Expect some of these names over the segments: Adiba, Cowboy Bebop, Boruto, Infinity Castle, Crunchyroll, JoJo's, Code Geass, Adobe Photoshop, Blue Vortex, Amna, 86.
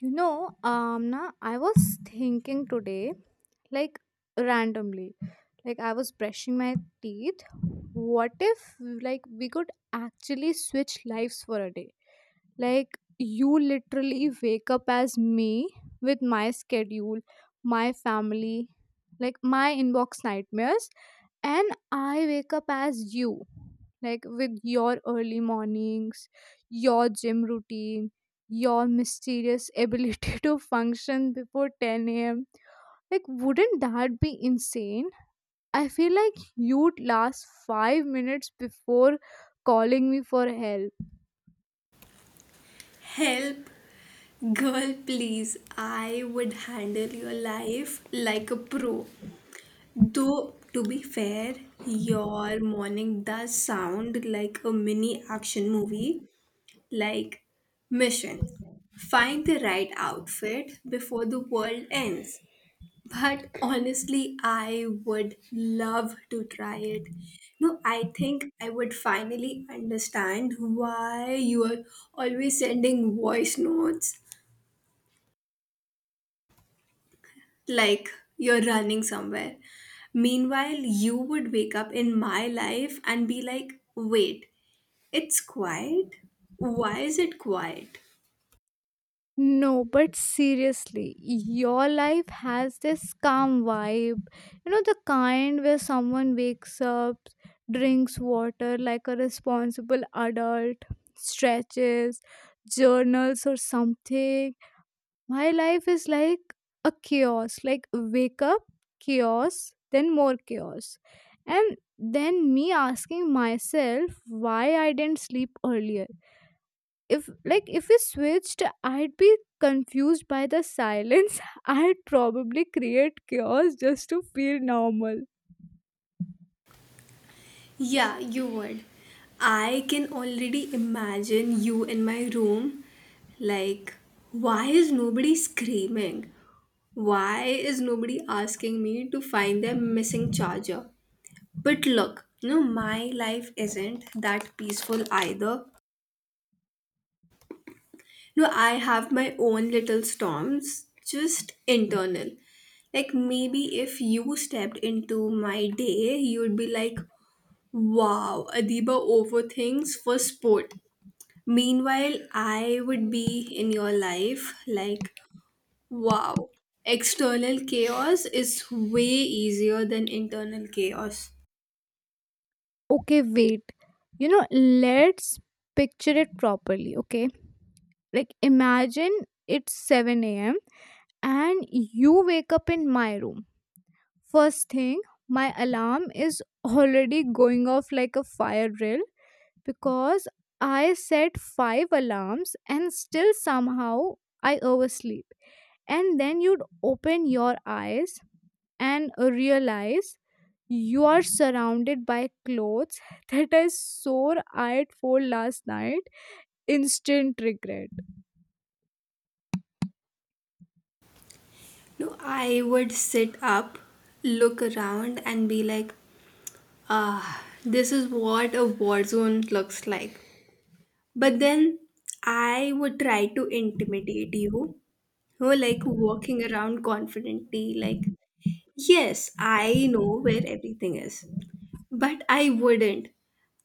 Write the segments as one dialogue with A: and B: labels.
A: You know, Amna, I was thinking today, like randomly, like I was brushing my teeth. What if, like, we could actually switch lives for a day? Like, you literally wake up as me with my schedule, my family, like my inbox nightmares, and I wake up as you, like with your early mornings, your gym routine, your mysterious ability to function before 10 a.m. Like, wouldn't that be insane? I feel like you'd last 5 minutes before calling me for help.
B: Help, girl, please. I would handle your life like a pro. Though, to be fair, your morning does sound like a mini action movie, like Mission. Find the right outfit before the world ends. But honestly, I would love to try it. No, I think I would finally understand why you are always sending voice notes like you're running somewhere. Meanwhile, you would wake up in my life and be like, wait, it's quiet? Why is it quiet?
A: No, but seriously, your life has this calm vibe. You know, the kind where someone wakes up, drinks water like a responsible adult, stretches, journals, or something. My life is like a chaos like, wake up, chaos, then more chaos. And then me asking myself why I didn't sleep earlier, if we switched, I'd be confused by the silence. I'd probably create chaos just to feel normal.
B: Yeah, you would. I can already imagine you in my room. Like, why is nobody screaming? Why is nobody asking me to find their missing charger? But look, no, my life isn't that peaceful either. No, I have my own little storms, just internal. Like maybe if you stepped into my day, you'd be like, wow, Adiba overthinks for sport. Meanwhile, I would be in your life like, wow, external chaos is way easier than internal chaos.
A: Okay, wait, you know, let's picture it properly. Okay, like imagine it's 7 a.m. and you wake up in my room. First thing, my alarm is already going off like a fire drill, because I set five alarms and still somehow I oversleep. And then you'd open your eyes and realize you are surrounded by clothes that I sore eyed for last night. Instant regret.
B: No, I would sit up, look around, and be like, ah, this is what a war zone looks like. But then I would try to intimidate you, who like walking around confidently, like, yes, I know where everything is. But I wouldn't.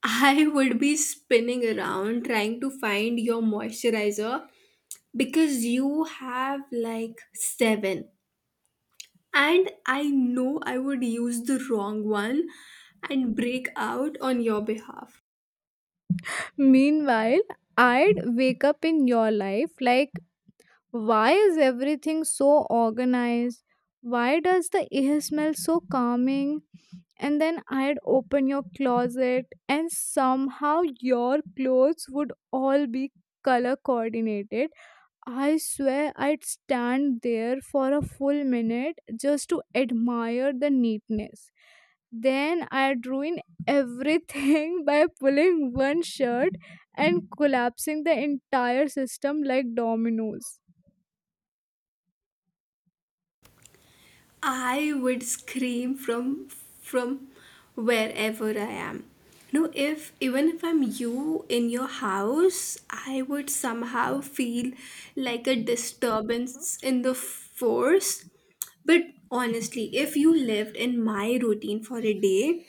B: I would be spinning around trying to find your moisturizer because you have like seven. And I know I would use the wrong one and break out on your behalf.
A: Meanwhile, I'd wake up in your life like, why is everything so organized? Why does the air smell so calming? And then I'd open your closet, and somehow your clothes would all be color coordinated. I swear I'd stand there for a full minute just to admire the neatness. Then I'd ruin everything by pulling one shirt and collapsing the entire system like dominoes.
B: I would scream from wherever I am. No, if even if I'm you in your house, I would somehow feel like a disturbance in the force. But honestly, if you lived in my routine for a day,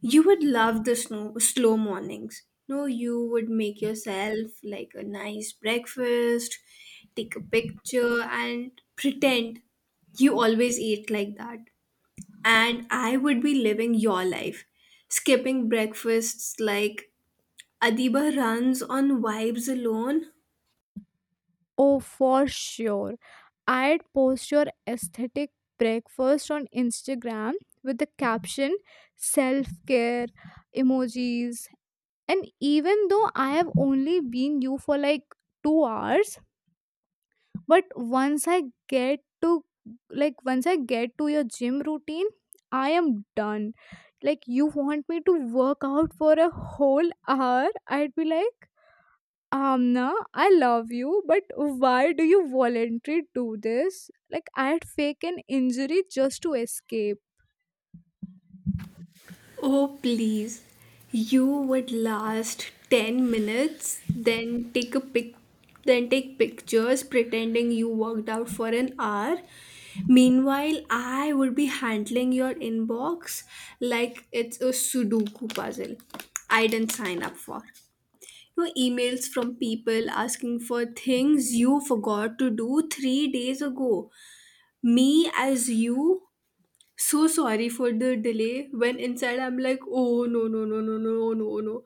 B: you would love the snow, slow mornings. No, you would make yourself like a nice breakfast, take a picture, and pretend you always eat like that. And I would be living your life, skipping breakfasts like Adiba runs on vibes alone.
A: Oh, for sure. I'd post your aesthetic breakfast on Instagram with the caption self care emojis. And even though I have only been you for like 2 hours, but once I get to like once I get to your gym routine, I am done. Like, you want me to work out for a whole hour? I'd be like, Amna, I love you, but why do you voluntarily do this? Like, I had fake an injury just to escape.
B: Oh, please. You would last 10 minutes, then take a pic then take pictures pretending you worked out for an hour. Meanwhile, I would be handling your inbox like it's a Sudoku puzzle I didn't sign up for. No emails from people asking for things you forgot to do 3 days ago. Me as you, so sorry for the delay, when inside I'm like, oh no no no no no no no,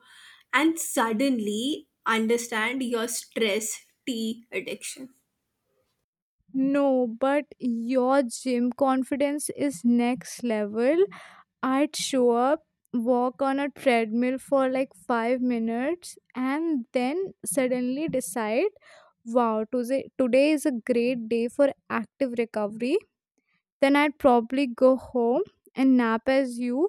B: and suddenly understand your stress tea addiction.
A: No, but your gym confidence is next level. I'd show up, walk on a treadmill for like 5 minutes, and then suddenly decide, wow, today is a great day for active recovery. Then I'd probably go home and nap as you.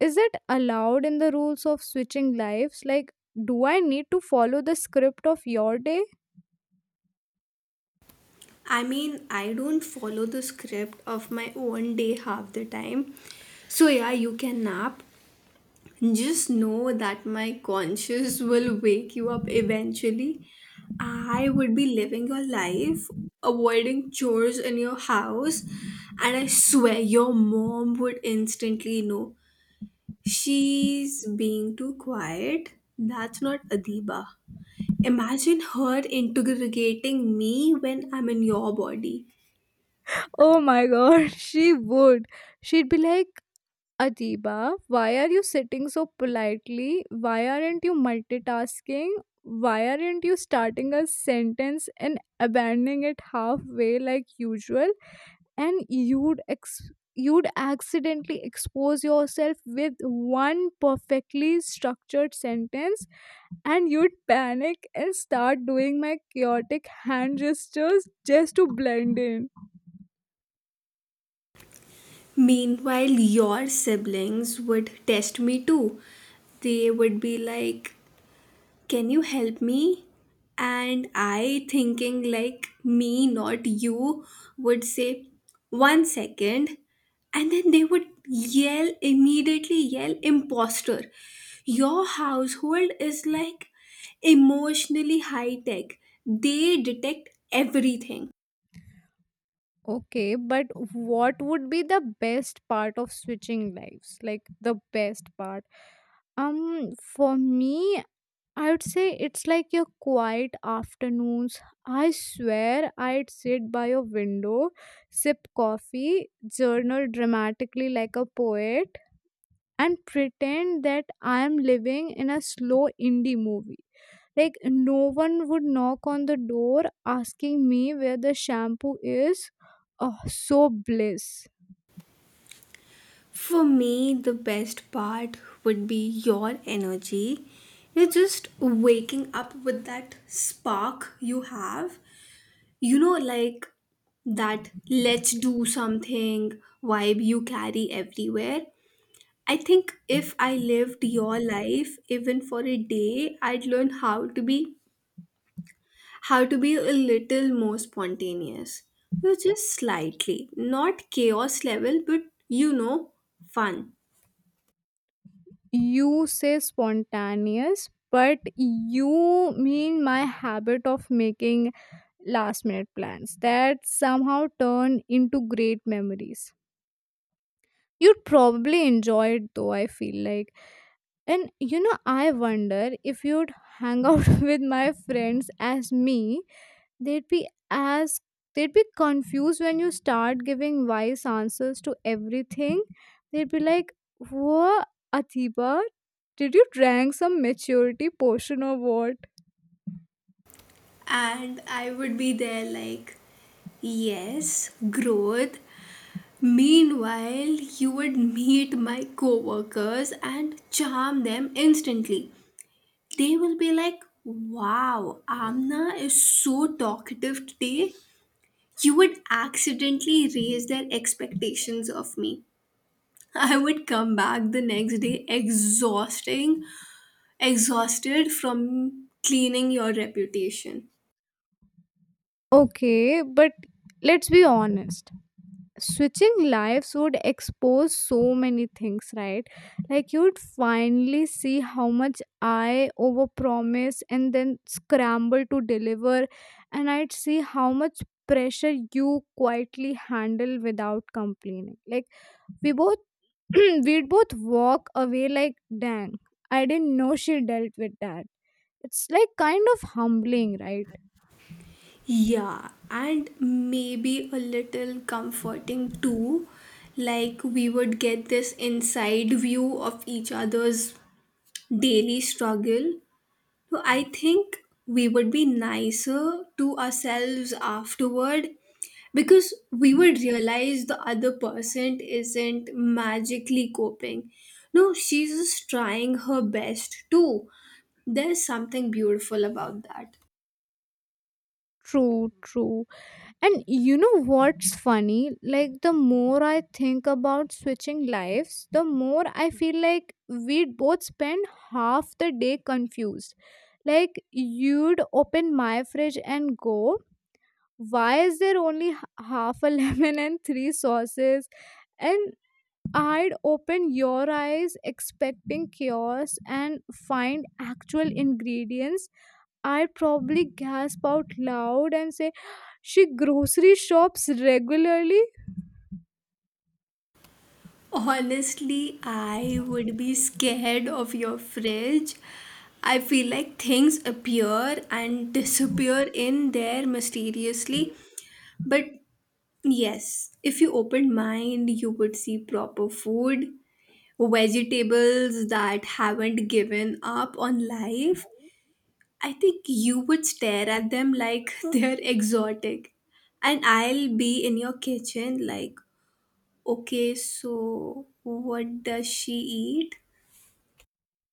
A: Is it allowed in the rules of switching lives? Like, do I need to follow the script of your day?
B: I mean, I don't follow the script of my own day half the time, so yeah, you can nap. Just know that my conscience will wake you up eventually. I would be living your life, avoiding chores in your house, and I swear your mom would instantly know. She's being too quiet. That's not Adiba. Imagine her interrogating me when I'm in your body.
A: Oh my god, she would. She'd be like, Adiba, why are you sitting so politely? Why aren't you multitasking? Why aren't you starting a sentence and abandoning it halfway like usual? And you'd accidentally expose yourself with one perfectly structured sentence, and you'd panic and start doing my chaotic hand gestures just to blend in.
B: Meanwhile, your siblings would test me too. They would be like, can you help me, and I, thinking like, me, not you, would say one second, and then they would yell, immediately yell, imposter. Your household is like emotionally high tech. They detect everything.
A: Okay, but what would be the best part of switching lives? Like the best part. For me, I would say it's like your quiet afternoons. I swear I'd sit by your window, sip coffee, journal dramatically like a poet, and pretend that I am living in a slow indie movie. Like, no one would knock on the door asking me where the shampoo is. Oh, so bliss.
B: For me, the best part would be your energy. You're just waking up with that spark you have. You know, like that let's do something vibe you carry everywhere. I think if I lived your life even for a day, I'd learn how to be a little more spontaneous. Just slightly, not chaos level, but you know, fun.
A: You say spontaneous, but you mean my habit of making last minute plans that somehow turn into great memories. You'd probably enjoy it though, I feel like. And you know, I wonder if you'd hang out with my friends as me. They'd be as they'd be confused when you start giving wise answers to everything. They'd be like, whoa, Atiba, did you drank some maturity potion or what?
B: And I would be there like, yes, growth. Meanwhile, you would meet my coworkers and charm them instantly. They will be like, wow, Amna is so talkative today. You would accidentally raise their expectations of me. I would come back the next day exhausting, exhausted from cleaning your reputation.
A: Okay, but let's be honest, switching lives would expose so many things, right? Like, you'd finally see how much I overpromise and then scramble to deliver, and I'd see how much pressure you quietly handle without complaining. Like, we both we'd both walk away like, dang, I didn't know she dealt with that. It's like kind of humbling, right?
B: Yeah, and maybe a little comforting too. Like we would get this inside view of each other's daily struggle. So I think we would be nicer to ourselves afterward because we would realize the other person isn't magically coping. No, she's just trying her best too. There's something beautiful about that.
A: True, true. And you know what's funny? Like, the more I think about switching lives, the more I feel like we'd both spend half the day confused. Like, you'd open my fridge and go, why is there only half a lemon and three sauces? And I'd open your eyes expecting chaos and find actual ingredients. I'd probably gasp out loud and say, she grocery shops regularly?
B: Honestly, I would be scared of your fridge. I feel like things appear and disappear in there mysteriously. But yes, if you opened mine, you would see proper food, vegetables that haven't given up on life. I think you would stare at them like they're exotic. And I'll be in your kitchen like, okay, so what does she eat?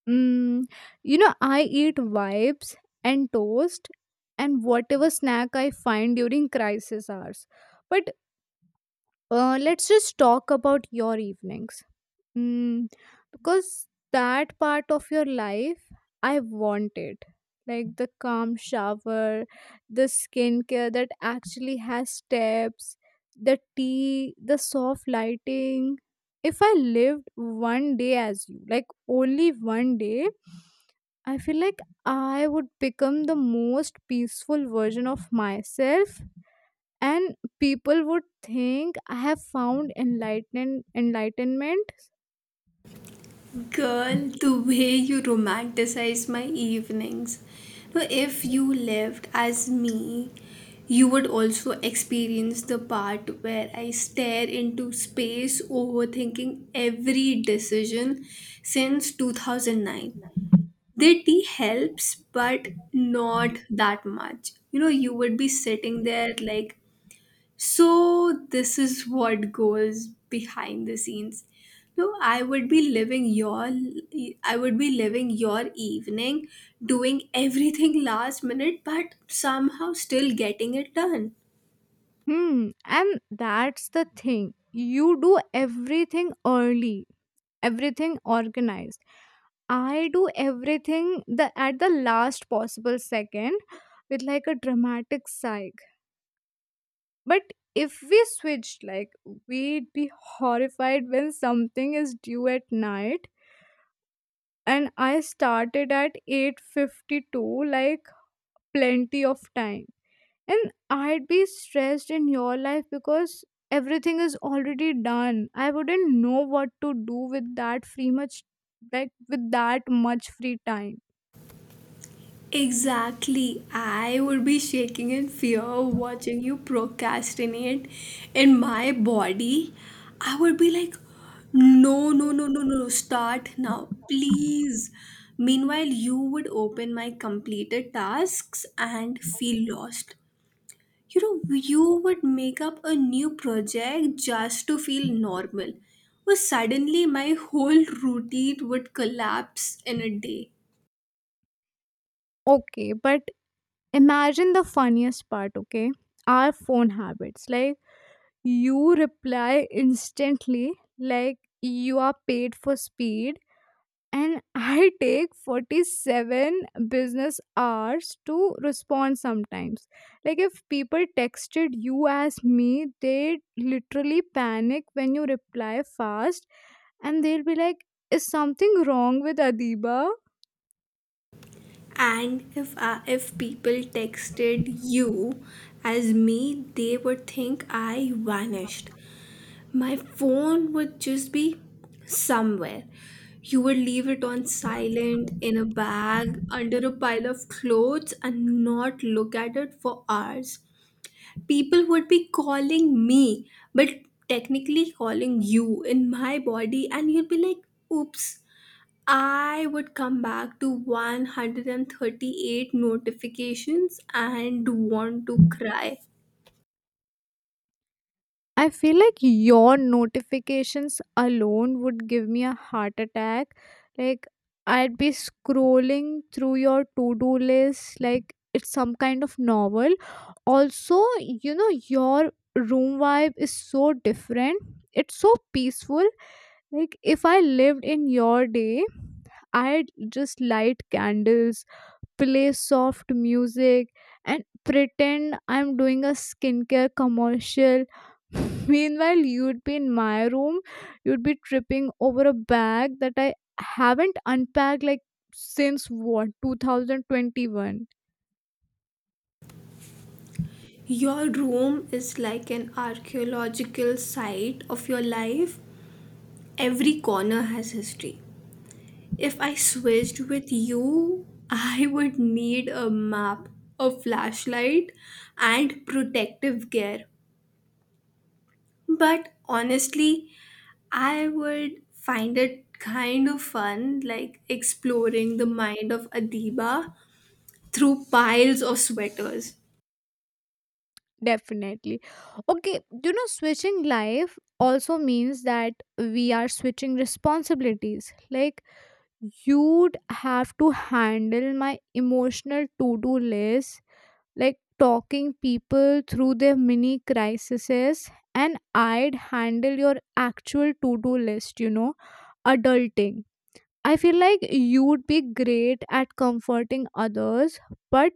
A: Mm, you know, I eat vibes and toast and whatever snack I find during crisis hours. But let's just talk about your evenings. Mm, because that part of your life, I want it. Like the calm shower, the skincare that actually has steps, the tea, the soft lighting. If I lived one day as you, like only one day, I feel like I would become the most peaceful version of myself, and people would think I have found enlightenment.
B: Girl, the way you romanticize my evenings. Now, if you lived as me, you would also experience the part where I stare into space overthinking every decision since 2009. The tea helps, but not that much. You would be sitting there like, so, this is what goes behind the scenes. No, I would be living your evening, doing everything last minute but somehow still getting it done.
A: And that's the thing. You do everything early, everything organized. I do everything the at the last possible second with like a dramatic sigh. But if we switched, like, we'd be horrified when something is due at night and I started at 8:52, like plenty of time. And I'd be stressed in your life because everything is already done. I wouldn't know what to do with that much free time.
B: Exactly. I would be shaking in fear watching you procrastinate in my body. I would be like, no, no, no, no, no, no, start now, please. Meanwhile, you would open my completed tasks and feel lost. You would make up a new project just to feel normal. Well, suddenly my whole routine would collapse in a day.
A: Okay, but imagine the funniest part. Okay, our phone habits. Like, you reply instantly, like you are paid for speed, and I take 47 business hours to respond sometimes. Like, if people texted you as me, they literally panic when you reply fast, and they'll be like, is something wrong with Adiba?
B: And if people texted you as me, they would think I vanished. My phone would just be somewhere. You would leave it on silent in a bag under a pile of clothes and not look at it for hours. People would be calling me, but technically calling you in my body, and you'd be like, oops, I would come back to 138 notifications and want to cry.
A: I feel like your notifications alone would give me a heart attack. Like, I'd be scrolling through your to do list like it's some kind of novel. Also, you know, your room vibe is so different, it's so peaceful. Like, if I lived in your day, I'd just light candles, play soft music, and pretend I'm doing a skincare commercial. Meanwhile, you'd be in my room, you'd be tripping over a bag that I haven't unpacked like since what, 2021?
B: Your room is like an archaeological site of your life. Every corner has history. If I switched with you, I would need a map, a flashlight, and protective gear. But honestly, I would find it kind of fun, like exploring the mind of Adiba through piles of sweaters.
A: Definitely. Okay, you know, switching life also means that we are switching responsibilities. Like, you'd have to handle my emotional to do list, like talking people through their mini crises, and I'd handle your actual to-do list, you know, adulting. I feel like you'd be great at comforting others, but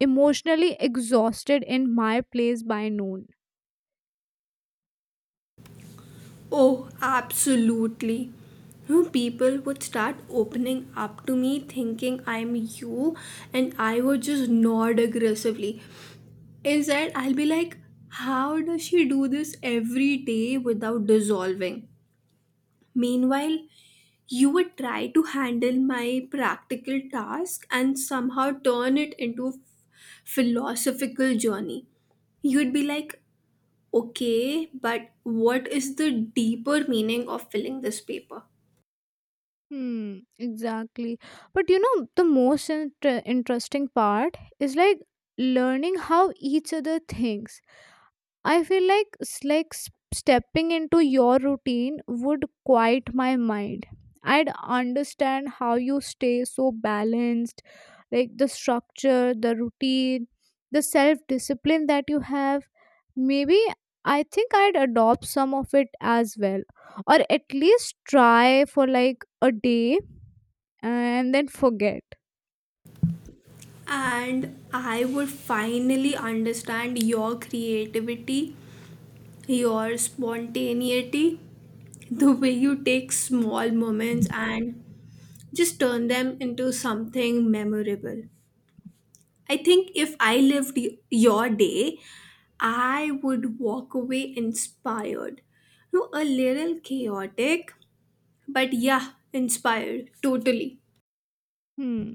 A: emotionally exhausted in my place by noon.
B: Oh, absolutely. You know, people would start opening up to me thinking I'm you, and I would just nod aggressively. Instead, I'll be like, how does she do this every day without dissolving? Meanwhile, you would try to handle my practical task and somehow turn it into a philosophical journey. You'd be like, okay, but what is the deeper meaning of filling this paper?
A: Hmm, exactly. But you know, the most interesting part is like learning how each other thinks. I feel like stepping into your routine would quiet my mind. I'd understand how you stay so balanced, like the structure, the routine, the self discipline that you have. Maybe I think I'd adopt some of it as well, or at least try for like a day and then forget.
B: And I would finally understand your creativity, your spontaneity, the way you take small moments and just turn them into something memorable. I think if I lived your day, I would walk away inspired. No, a little chaotic, but yeah, inspired, totally.
A: Hmm.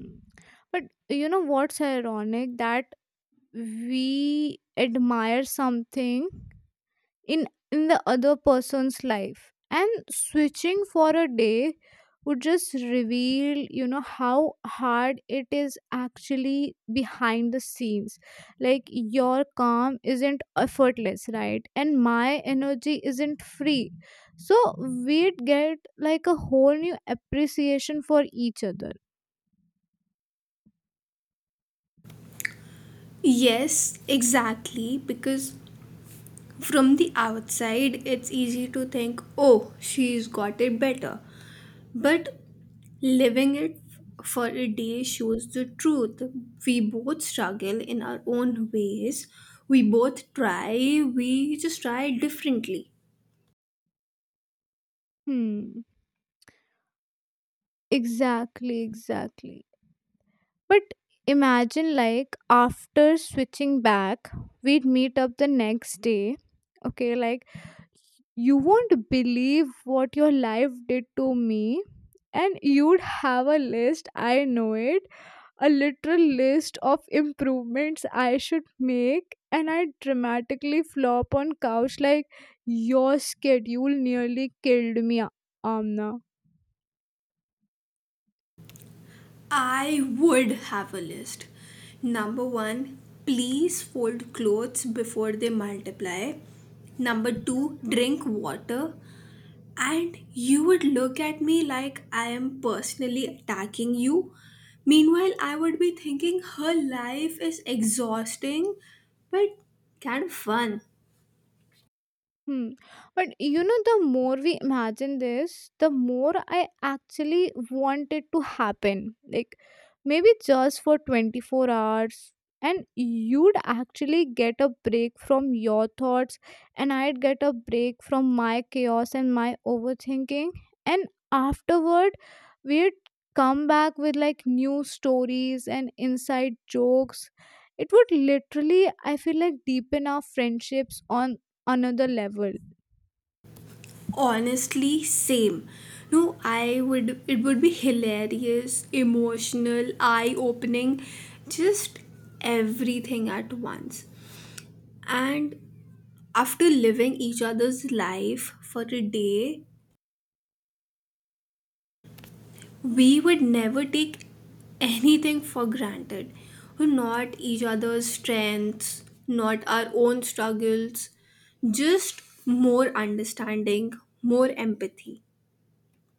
A: But you know what's ironic, that we admire something in in the other person's life, and switching for a day would just reveal, you know, how hard it is actually behind the scenes. Like, your calm isn't effortless, right, and my energy isn't free, so we'd get like a whole new appreciation for each other.
B: Yes, exactly, because from the outside, it's easy to think, oh, she's got it better. But living it for a day shows the truth. We both struggle in our own ways. We both try, we just try differently.
A: Hmm, exactly, exactly. But imagine, like, after switching back, we'd meet up the next day. Okay, like, you won't believe what your life did to me. And you'd have a list, I know it, a literal list of improvements I should make. And I'd dramatically flop on couch, like, your schedule nearly killed me, Amna.
B: I would have a list. Number one, please fold clothes before they multiply. Number two, drink water. And you would look at me like I am personally attacking you. Meanwhile, I would be thinking her life is exhausting but kind of fun.
A: Hmm. But you know, the more we imagine this, the more I actually want it to happen. Like maybe just for 24 hours. And you'd actually get a break from your thoughts, and I'd get a break from my chaos and my overthinking. And afterward, we'd come back with like new stories and inside jokes. It would literally, I feel like, deepen our friendships on another level.
B: Honestly, same. No, I would, it would be hilarious, emotional, eye opening, just everything at once. And after living each other's life for a day, we would never take anything for granted, not each other's strengths, not our own struggles. Just more understanding, more empathy.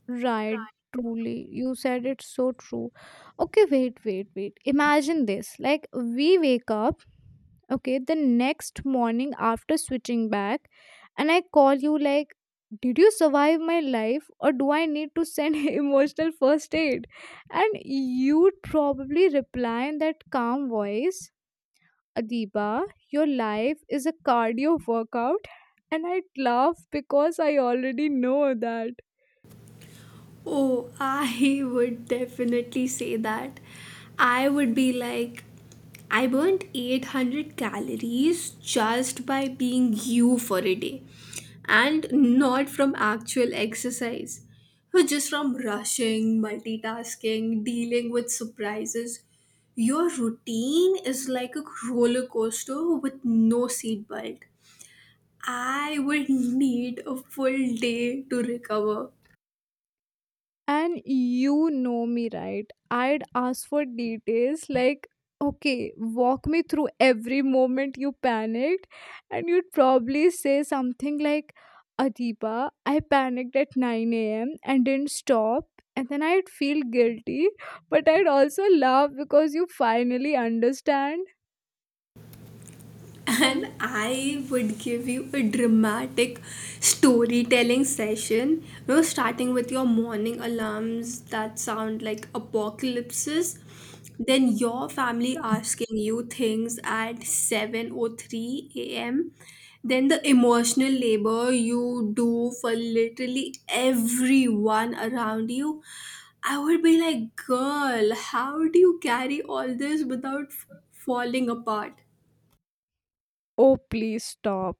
A: Right, truly, you said it's so true. Okay, wait, wait, wait, imagine this. Like, we wake up, okay, the next morning after switching back, and I call you like, did you survive my life or do I need to send emotional first aid? And you'd probably reply in that calm voice, Adiba, your life is a cardio workout. And I'd laugh because I already know that.
B: Oh, I would definitely say that. I would be like, I burnt 800 calories just by being you for a day. And not from actual exercise, but just from rushing, multitasking, dealing with surprises. Your routine is like a roller coaster with no seat belt. I would need a full day to recover.
A: And you know me, right? I'd ask for details like, okay, walk me through every moment you panicked. And you'd probably say something like, Adiba, I panicked at 9 a.m. and didn't stop. And then I'd feel guilty, but I'd also laugh because you finally understand.
B: And I would give you a dramatic storytelling session. Starting with your morning alarms that sound like apocalypses, then your family asking you things at 7:03 a.m. Then the emotional labor you do for literally everyone around you. I would be like, girl, how do you carry all this without falling apart?
A: Oh, please stop.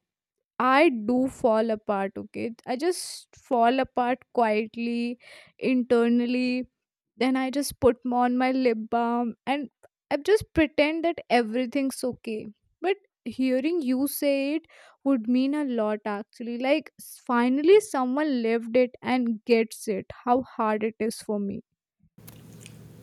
A: I do fall apart, okay? I just fall apart quietly, internally. Then I just put on my lip balm and I just pretend that everything's okay. But hearing you say it would mean a lot, actually. Like, finally, someone lived it and gets it, how hard it is for me.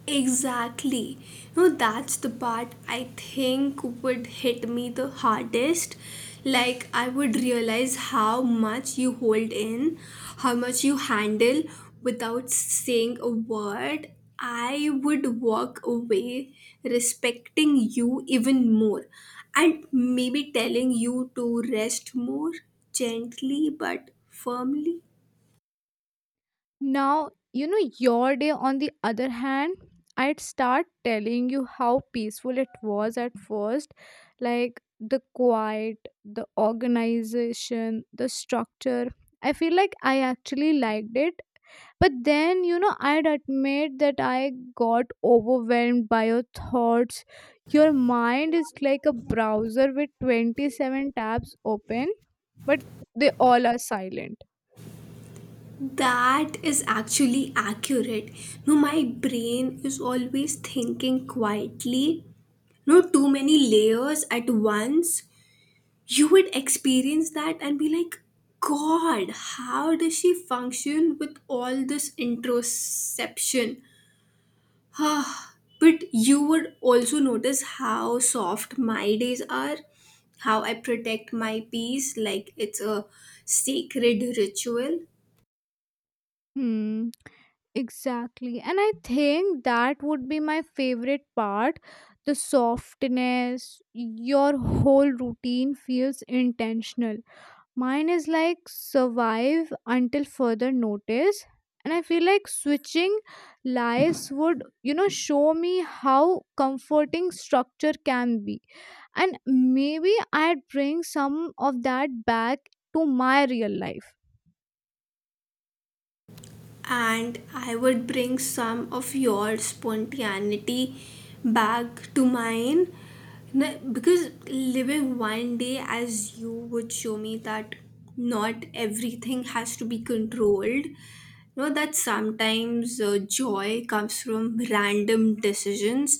B: Exactly. No, that's the part I think would hit me the hardest. Like, I would realize how much you hold in, how much you handle without saying a word. I would walk away respecting you even more and maybe telling you to rest more, gently but firmly.
A: Now, you know, your day, on the other hand, I'd start telling you how peaceful it was at first. Like the quiet, the organization, the structure. I feel like I actually liked it. But then, you know, I'd admit that I got overwhelmed by your thoughts. Your mind is like a browser with 27 tabs open, but they all are silent.
B: That is actually accurate. No, my brain is always thinking quietly. No, too many layers at once. You would experience that and be like, God, how does she function with all this introspection? Ah, but you would also notice how soft my days are, how I protect my peace like it's a sacred ritual.
A: Hmm. Exactly. And I think that would be my favorite part, the softness. Your whole routine feels intentional. Mine is like survive until further notice. And I feel like switching lives would, you know, show me how comforting structure can be. And maybe I'd bring some of that back to my real life.
B: And I would bring some of your spontaneity back to mine. Because living one day as you would show me that not everything has to be controlled. Know that sometimes joy comes from random decisions,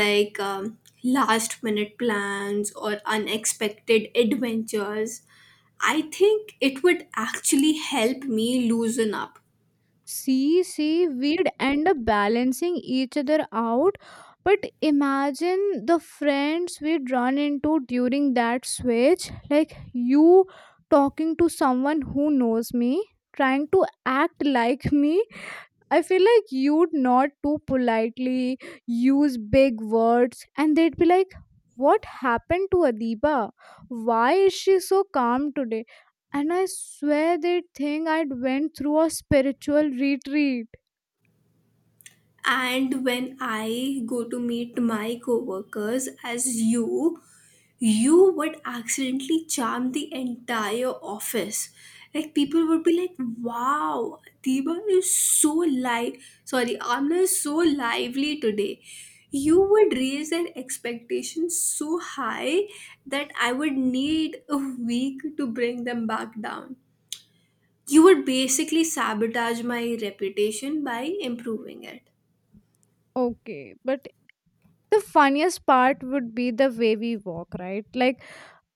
B: like last minute plans or unexpected adventures. I think it would actually help me loosen up.
A: See, see, we'd end up balancing each other out. But imagine the friends we'd run into during that switch, like you talking to someone who knows me, trying to act like me. I feel like you'd nod too politely, use big words, and they'd be like, what happened to Adiba? Why is she so calm today? And I swear they'd think I'd went through a spiritual retreat.
B: And when I go to meet my coworkers as you, you would accidentally charm the entire office. Like people would be like, "Wow, Diba is so live. Sorry, Amna is so lively today." You would raise their expectations so high that I would need a week to bring them back down. You would basically sabotage my reputation by improving it.
A: Okay, but the funniest part would be the way we walk, right? Like,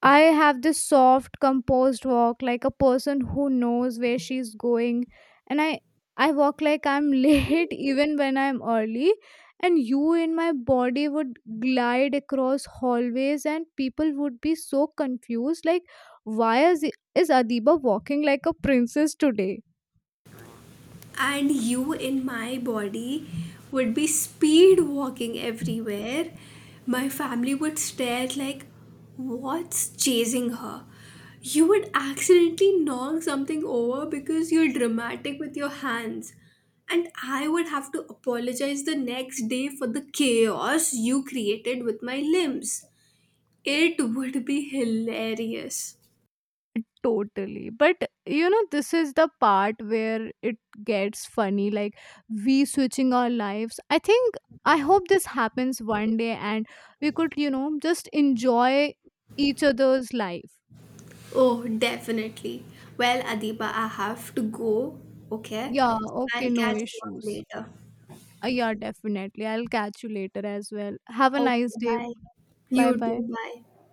A: I have this soft, composed walk, like a person who knows where she's going. And I walk like I'm late even when I'm early. And you in my body would glide across hallways, and people would be so confused like, why is Adiba walking like a princess today?
B: And you in my body would be speed walking everywhere. My family would stare like, what's chasing her? You would accidentally knock something over because you're dramatic with your hands. And I would have to apologize the next day for the chaos you created with my limbs. It would be hilarious.
A: Totally. But you know, this is the part where it gets funny. Like, we switching our lives. I think, I hope this happens one day and we could, you know, just enjoy each other's life.
B: Oh, definitely. Well, Adiba, I have to go. Okay.
A: Yeah, okay,
B: I'll
A: no
B: catch you up
A: issues.
B: later.
A: Yeah, definitely. I'll catch you later as well. Have a nice
B: Okay,
A: day.
B: bye.
A: Bye
B: You
A: bye.
B: too, bye.